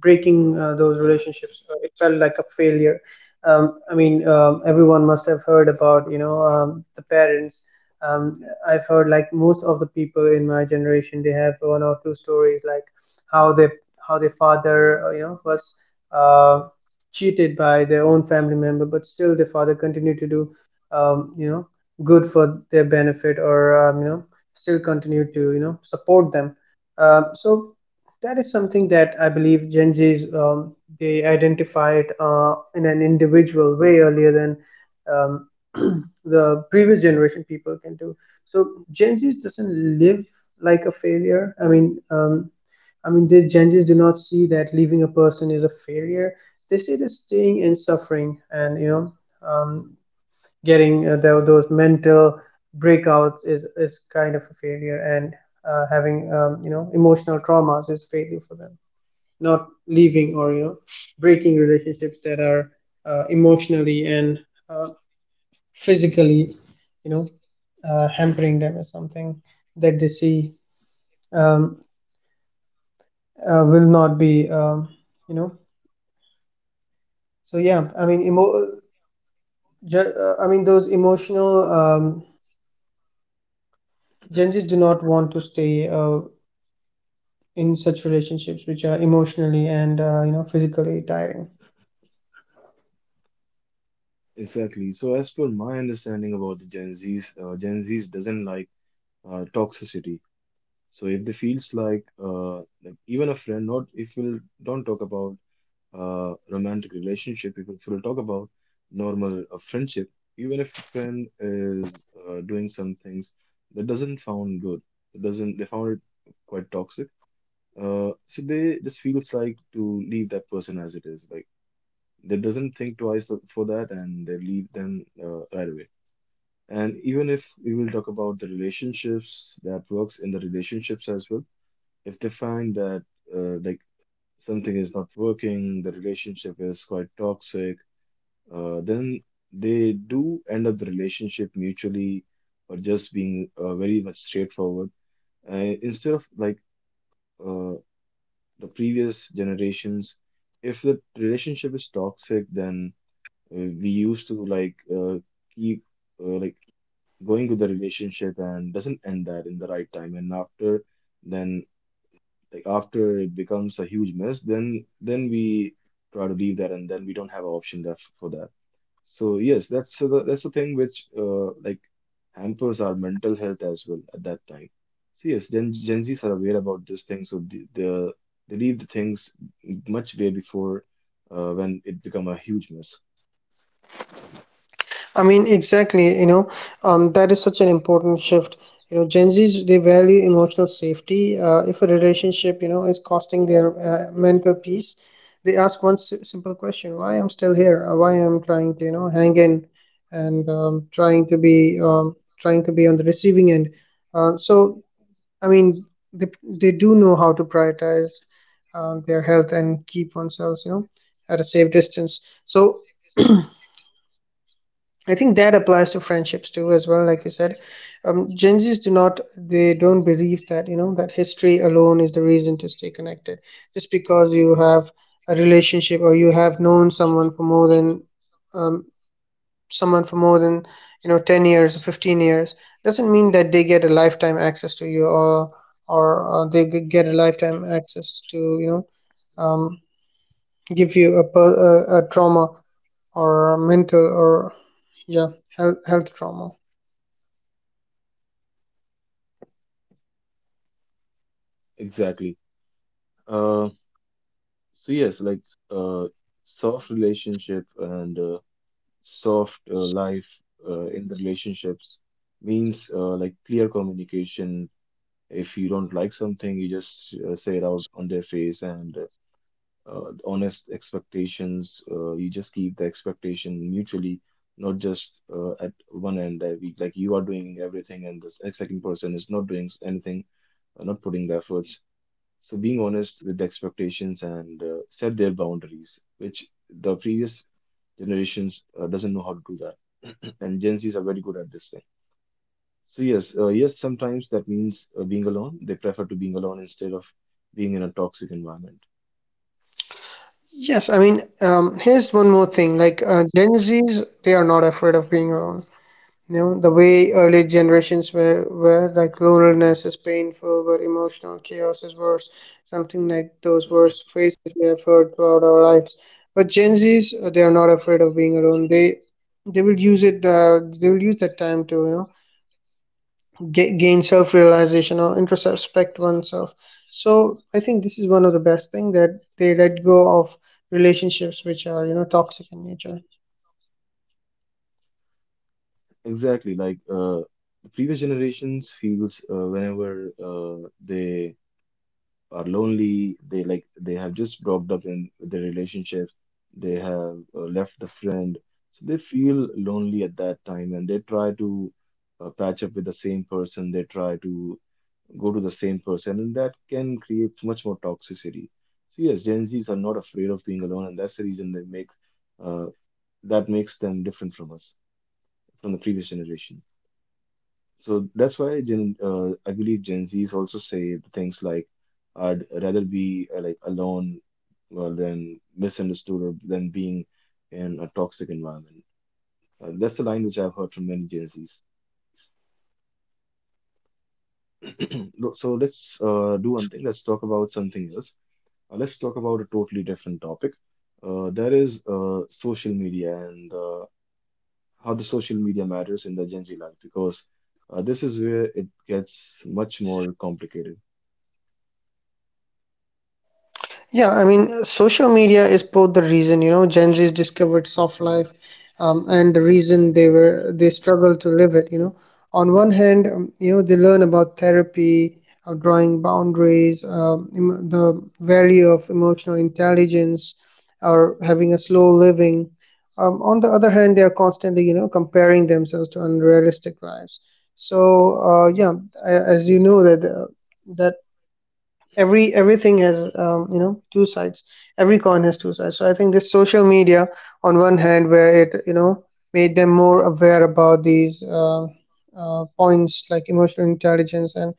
Speaker 2: breaking those relationships, it felt like a failure. I mean, everyone must have heard about, the parents. I've heard, like, most of the people in my generation, they have one or two stories, like how they, how their father, was uh, cheated by their own family member, but still their father continued to do, um, you know good for their benefit, or, still continue to, support them. So that is something that I believe Gen Zs, they identify it in an individual way earlier than, um, the previous generation people can do. So Gen Zs doesn't live like a failure. I mean, the Genghis do not see that leaving a person is a failure. They see that staying and suffering and, um, getting those mental breakouts is kind of a failure, and having, emotional traumas, is failure for them. Not leaving, or, you know breaking relationships that are, emotionally and, uh, physically, you know hampering them, is something that they see, um, will not be. You know So yeah, I mean, emo- ju- I mean those emotional Gen Zs do not want to stay, in such relationships which are emotionally and, physically tiring.
Speaker 1: Exactly. So, as per my understanding about the Gen Zs, Gen Zs doesn't like toxicity. So, if they feels like even a friend, not if you don't talk about romantic relationship, if you will talk about normal friendship, even if a friend is doing some things that doesn't sound good, it doesn't they found it quite toxic. So they just feels like to leave that person as it is, like they doesn't think twice for that, and they leave them right away. And even if we will talk about the relationships that works in the relationships as well, if they find that like something is not working, the relationship is quite toxic, then they do end up the relationship mutually, or just being very much straightforward. Uh, Instead of like uh, the previous generations, if the relationship is toxic, then uh, we used to like keep like going with the relationship and doesn't end that in the right time, and after then, like, after it becomes a huge mess, then we try to leave that, and then we don't have an option left for that. So yes, that's the thing which like hampers our mental health as well at that time. So yes, Gen Z's are aware about this thing, so the they leave the things much way before when it become a huge mess.
Speaker 2: I mean, exactly. You know, that is such an important shift. You know, Gen Zs, they value emotional safety. If a relationship, you know, is costing their mental peace, they ask one simple question: why I'm still here? Why I'm trying to, you know, hang in and, trying to be on the receiving end. So, I mean, they do know how to prioritize their health and keep themselves, you know, at a safe distance. So I think that applies to friendships too, as well. Like you said, Gen Zs do not, they don't believe that, you know, that history alone is the reason to stay connected. Just because you have a relationship, or you have known um, someone for more than, you know, 10 years or 15 years, doesn't mean that they get a lifetime access to you, or get a lifetime access to, um, give you a trauma, or a mental, or, yeah, health trauma.
Speaker 1: Exactly. Uh, so yes, like uh, soft relationship and soft life in the relationships means like clear communication. If you don't like something, you just say it out on their face, and honest expectations. You just keep the expectation mutually, not just at one end that we like you are doing everything and this second person is not doing anything, not putting the efforts. So being honest with the expectations and set their boundaries, which the previous generations doesn't know how to do that, and Gen Zs are very good at this thing. So yes, yes, sometimes that means being alone. They prefer to being alone instead of being in a toxic environment.
Speaker 2: Yes, I mean, here's one more thing. Like, Gen Zs, they are not afraid of being alone. You know, the way early generations were like, loneliness is painful, but emotional chaos is worse. Something like those worst phrases we have heard throughout our lives. But Gen Zs, they are not afraid of being alone. They will use it. They will use that time to, you know, gain self-realization or introspect oneself. So I think this is one of the best thing that they let go of relationships which are, you know, toxic in nature.
Speaker 1: Exactly, like the previous generations feels whenever they are lonely, they like they have just dropped up in their relationship, they have left the friend, so they feel lonely at that time and they try to patch up with the same person, they try to go to the same person, and that can create much more toxicity. So yes, Gen Z's are not afraid of being alone, and that's the reason they make uh, that makes them different from us, from the previous generation. So that's why I believe Gen Zs also say things like, "I'd rather be like alone than misunderstood, or than being in a toxic environment." That's a line which I've heard from many Gen Zs. Look. So let's do one thing. Let's talk about something else. Let's talk about a totally different topic. That is social media, and how the social media matters in the Gen Z life, because this is where it gets much more complicated.
Speaker 2: Yeah, I mean, social media is both the reason, you know, Gen Z's discovered soft life, and the reason they struggle to live it, you know. On one hand, you know, they learn about therapy, drawing boundaries, the value of emotional intelligence, or having a slow living. On the other hand, they are constantly, you know, comparing themselves to unrealistic lives. So, yeah, as you know that everything has, two sides, every coin has two sides. So I think this social media, on one hand, where it, you know, made them more aware about these, points like emotional intelligence and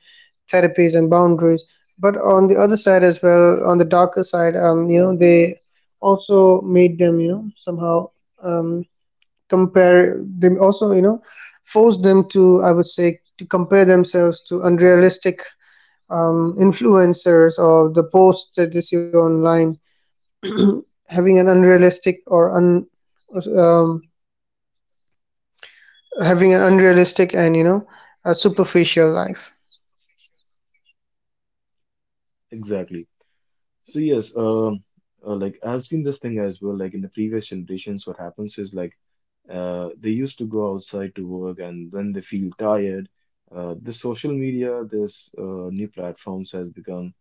Speaker 2: therapies and boundaries, but on the other side as well, on the darker side, you know, they also made them, you know, somehow, um, compare them, also, you know, forced them to, I would say, to compare themselves to unrealistic, influencers, or the posts that they see online, having an unrealistic or un, um, having an unrealistic and, you know, a superficial life.
Speaker 1: Exactly. So yes, like I've seen this thing as well. Like in the previous generations, what happens is like they used to go outside to work, and then they feel tired. This social media, this new platforms has become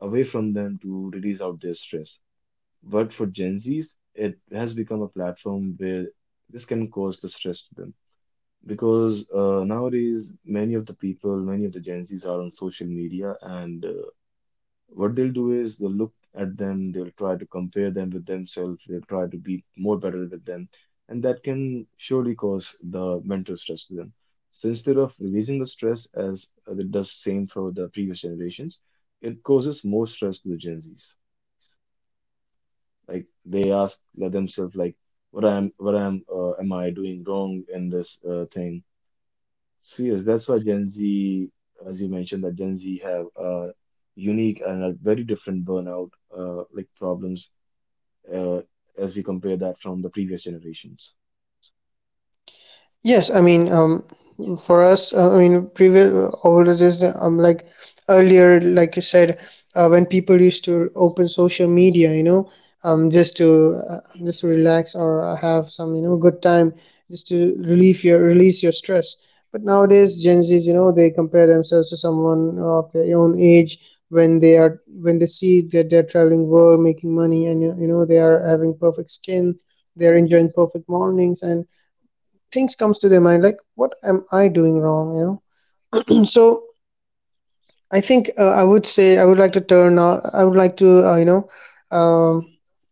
Speaker 1: a way from them to release out their stress. But for Gen Zs, it has become a platform where this can cause the stress to them, because nowadays many of the people, many of the Gen Zs are on social media, and what they'll do is they'll look at them, they'll try to compare them with themselves, they'll try to be more better with them, and that can surely cause the mental stress to them. So instead of releasing the stress as it does same for the previous generations, it causes more stress to the Gen Zs. Like they ask themselves, like, am I doing wrong in this thing? So yes, that's why Gen Z, as you mentioned, that Gen Z have a unique and a very different burnout like problems uh, as we compare that from the previous generations.
Speaker 2: Yes, I mean, for us, previous oldest, like earlier, like you said, when people used to open social media, you know, just to relax, or have some, you know, good time, just to relieve your release your stress. But nowadays, Gen Zs, you know, they compare themselves to someone of their own age, when they see that they're traveling world, making money, and you know, they are having perfect skin, they're enjoying perfect mornings, and things comes to their mind like, what am I doing wrong, you know? So I think, I would like to um,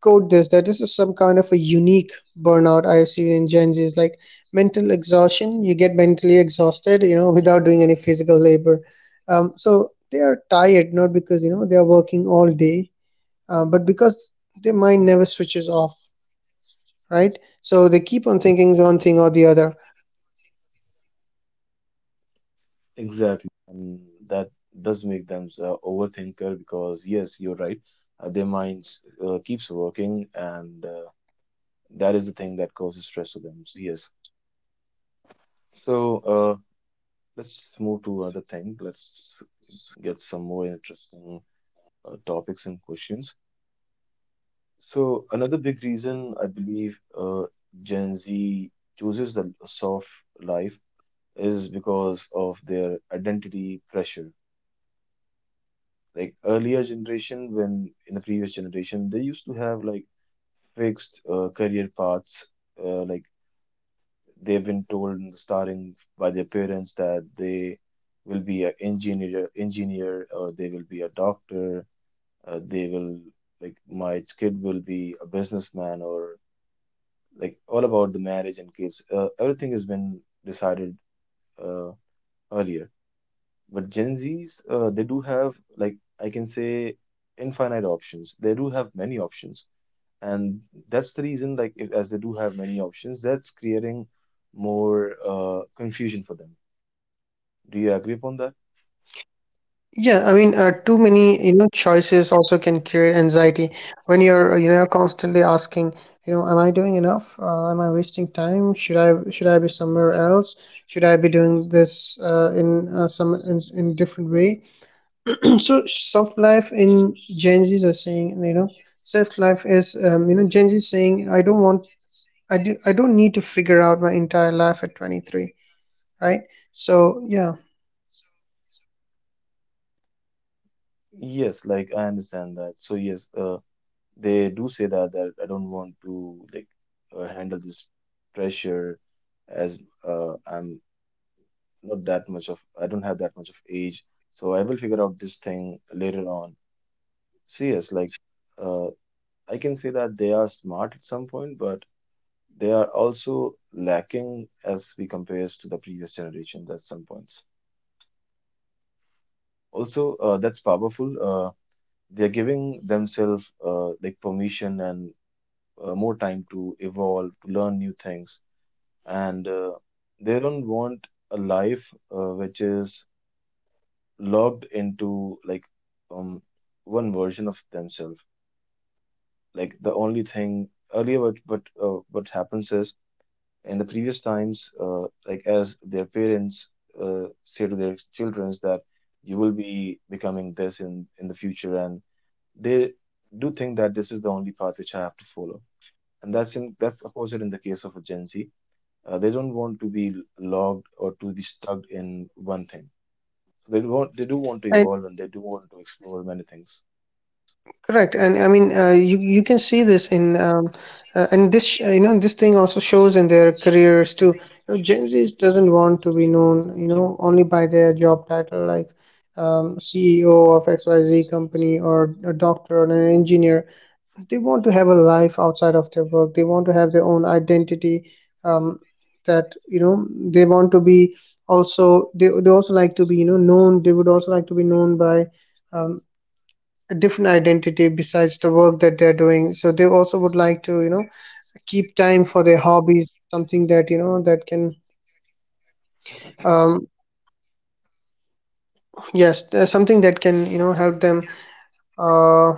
Speaker 2: quote this, that this is some kind of a unique burnout I have seen in Gen Z's, like mental exhaustion. You get mentally exhausted, you know, without doing any physical labor. So they are tired, not because, you know, they are working all day, but because their mind never switches off, right? So they keep on thinking one thing or the other.
Speaker 1: Exactly, and that does make them overthinker, because yes, you're right. Their minds keeps working, and that is the thing that causes stress to them. So yes. So let's move to other thing. Let's get some more interesting topics and questions. So another big reason I believe Gen Z chooses the soft life is because of their identity pressure. Like earlier generation, when in the previous generation, they used to have like fixed career paths. Like they've been told in the starting by their parents that they will be an engineer, or they will be a doctor. They will like my kid will be a businessman, or like all about the marriage and kids. Everything has been decided uh, earlier. But Gen Zs, they do have, like I can say, infinite options. They do have many options, and that's the reason. Like if, as they do have many options, that's creating more confusion for them. Do you agree upon that?
Speaker 2: Yeah, I mean, too many, you know, choices also can create anxiety, when you're constantly asking, you know, am I doing enough? Am I wasting time? Should I be somewhere else? Should I be doing this in different way? So, soft life in Gen Zs are saying, you know, soft life is, you know, Gen Z saying, I don't want, I do, I don't need to figure out my entire life at 23, right? So yeah.
Speaker 1: Yes, like I understand that. So yes, they do say that that I don't want to like handle this pressure as I'm not that much of, I don't have that much of age, so I will figure out this thing later on. So yes, like uh, I can say that they are smart at some point, but they are also lacking as we compares to the previous generations at some points. Also, that's powerful. They are giving themselves like permission and more time to evolve, to learn new things, and they don't want a life which is logged into like um one version of themselves, like the only thing earlier. What happens is in the previous times, like as their parents say to their children that you will be becoming this in the future, and they do think that this is the only path which I have to follow, and that's opposite in the case of a Gen Z. They don't want to be logged or to be stuck in one thing, so they do want to evolve, and they do want to explore many things.
Speaker 2: Correct, and I mean, you can see this in, and you know, this thing also shows in their careers too. You know, Gen Z doesn't want to be known, you know, only by their job title, like, CEO of XYZ company, or a doctor, or an engineer. They want to have a life outside of their work. They want to have their own identity. Um, that you know, they want to be they also like to be, you know, known. They would also like to be known by, um, a different identity besides the work that they're doing. So they also would like to, you know, keep time for their hobbies, something that, you know, that can, um yes, there's something that can, you know, help them uh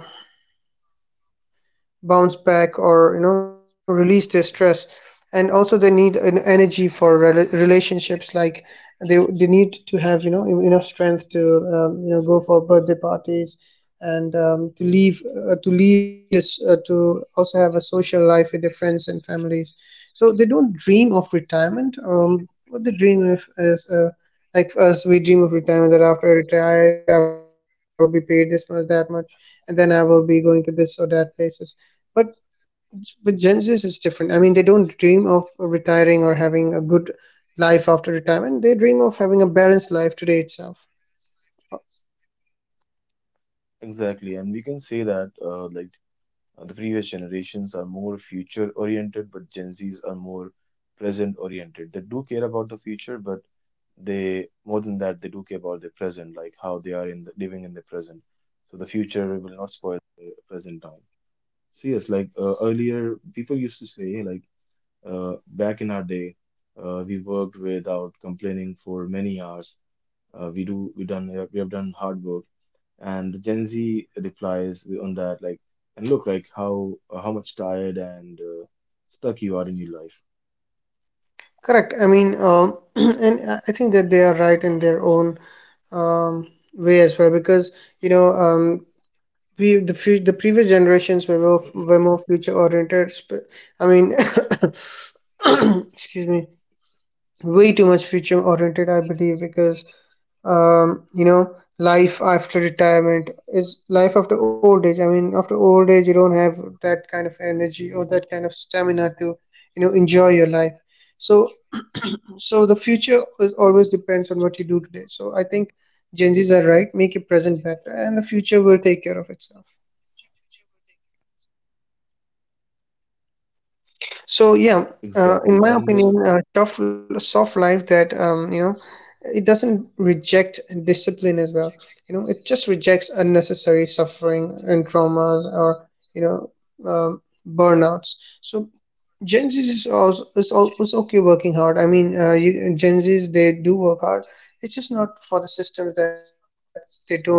Speaker 2: bounce back, or, you know, release their stress. And also they need an energy for relationships, like, they need to have, you know, enough strength to, you know, go for birthday parties, and, to lead us, to also have a social life with their friends and families. So they don't dream of retirement. What they dream of is, like us, we dream of retirement, that after I retire I will be paid this much, that much, and then I will be going to this or that places. But with Gen Zs, it's different. I mean, they don't dream of retiring or having a good life after retirement. They dream of having a balanced life today itself.
Speaker 1: Exactly, and we can say that like the previous generations are more future oriented, but Gen Zs are more present oriented. They do care about the future, but they, more than that, they do care about the present, like how they are in living in the present. So the future will not spoil the present time. So yes, like earlier, people used to say like back in our day, we worked without complaining for many hours. We have done hard work. And the Gen Z replies on that like, and look like how much tired and stuck you are in your life.
Speaker 2: Correct. I mean, and I think that they are right in their own, way as well, because, you know um, the previous generations were more future oriented. I mean, excuse me, way too much future oriented, I believe, because, you know, life after retirement is life after old age. I mean, after old age you don't have that kind of energy or that kind of stamina to, you know, enjoy your life. So so the future is always depends on what you do today. So I think Gen Z's are right: make your present better and the future will take care of itself. So yeah,
Speaker 1: Exactly.
Speaker 2: in
Speaker 1: And
Speaker 2: my opinion, tough soft life, that it doesn't reject discipline as well. You know, it just rejects unnecessary suffering and traumas, or, burnouts. So Gen Z is also okay working hard. I mean, Gen Zs, they do work hard. It's just not for the systems that they don't respect.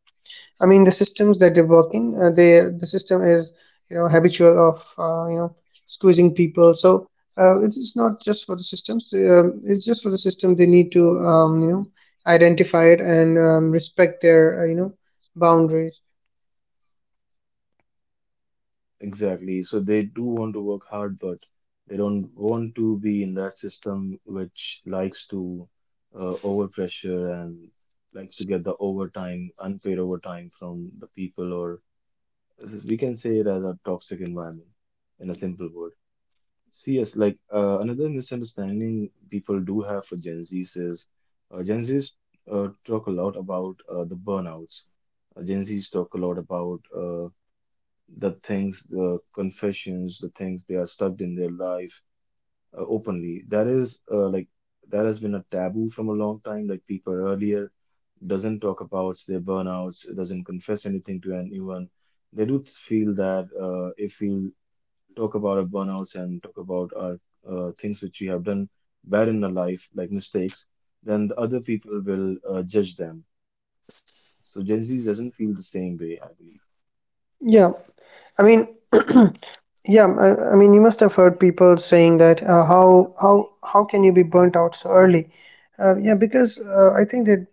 Speaker 2: I mean, the systems that they work in, the system is, you know, habitual of, squeezing people. So, it's not just for the systems. It's just for the system. They need to, you know, identify it and, respect their, boundaries.
Speaker 1: exactly. So they do want to work hard, but they don't want to be in that system which likes to overpressure and likes to get the overtime, unpaid overtime from the people, or we can say it as a toxic environment in a simple word. So yes, like another misunderstanding people do have for Gen Zs is Gen Zs talk a lot about the burnouts. Gen Zs talk a lot about the things, the confessions, the things they are stuck in their life openly. That is like that has been a taboo from a long time. Like people earlier doesn't talk about their burnouts, doesn't confess anything to anyone. They do feel that if we talk about our burnouts and talk about our things which we have done bad in our life, like mistakes, then the other people will judge them. So Gen Z doesn't feel the same way, I believe.
Speaker 2: Yeah, I mean, yeah, I mean, you must have heard people saying that, how can you be burnt out so early? Yeah, because, I think that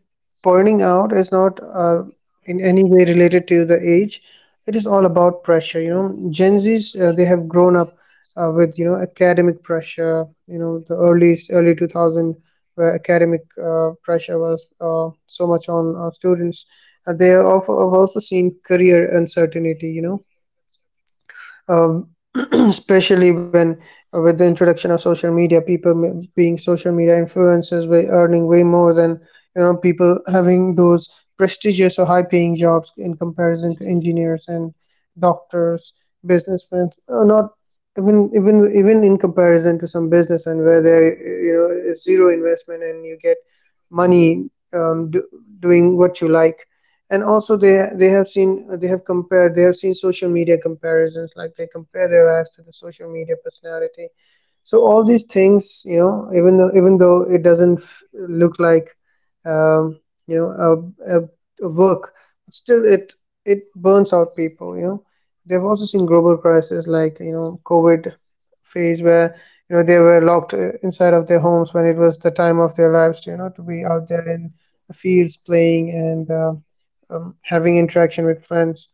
Speaker 2: burning out is not, in any way related to the age. It is all about pressure. You know, Gen Zs, they have grown up, with, you know, academic pressure. You know, the early 2000, where academic, pressure was, so much on, students. They have also seen career uncertainty. You know, um, especially when, with the introduction of social media, people being social media influencers way earning way more than, you know, people having those prestigious or high paying jobs, in comparison to engineers and doctors, businessmen, not even even even in comparison to some business and, where there, you know, is zero investment and you get money, doing what you like. And also they have seen social media comparisons, like they compare their lives to the social media personality. So all these things, you know, even though it doesn't, look like, um, you know a, a, a work, but still it burns out people, you know. They've also seen global crises like, you know, COVID phase, where, you know, they were locked, inside of their homes, when it was the time of their lives to, you know, to be out there in the fields playing and, having interaction with friends.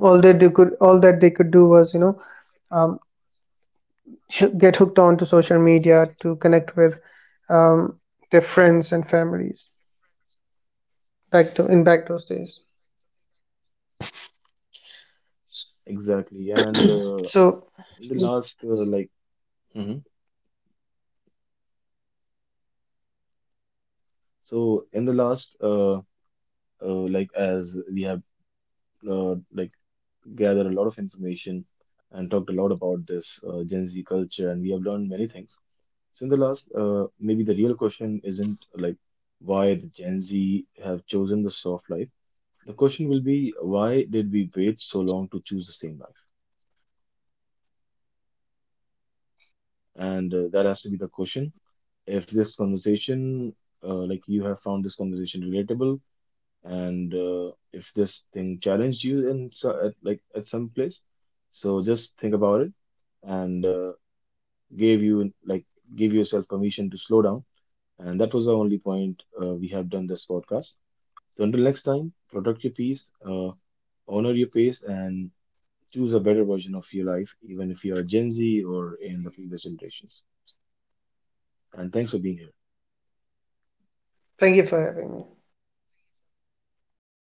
Speaker 2: All that they could do was, you know, um, get hooked on to social media to connect with, um, their friends and families, back to in back those days.
Speaker 1: Exactly. And
Speaker 2: So
Speaker 1: in the last, like, Mhm. So in the last, like as we have like gathered a lot of information and talked a lot about this Gen Z culture, and we have learned many things. So in the last, maybe the real question isn't like why the Gen Z have chosen the soft life. The question will be, why did we wait so long to choose the same life? And that has to be the question. If this conversation, like you have found this conversation relatable, and if this thing challenged you in so, at, like at some place, so just think about it, and gave you like, give yourself permission to slow down, and that was the only point we have done this podcast. So until next time, protect your peace, honor your pace, and choose a better version of your life, even if you are Gen Z or in the previous generations. And thanks for being here.
Speaker 2: thank you for having me.
Speaker 1: Thank you.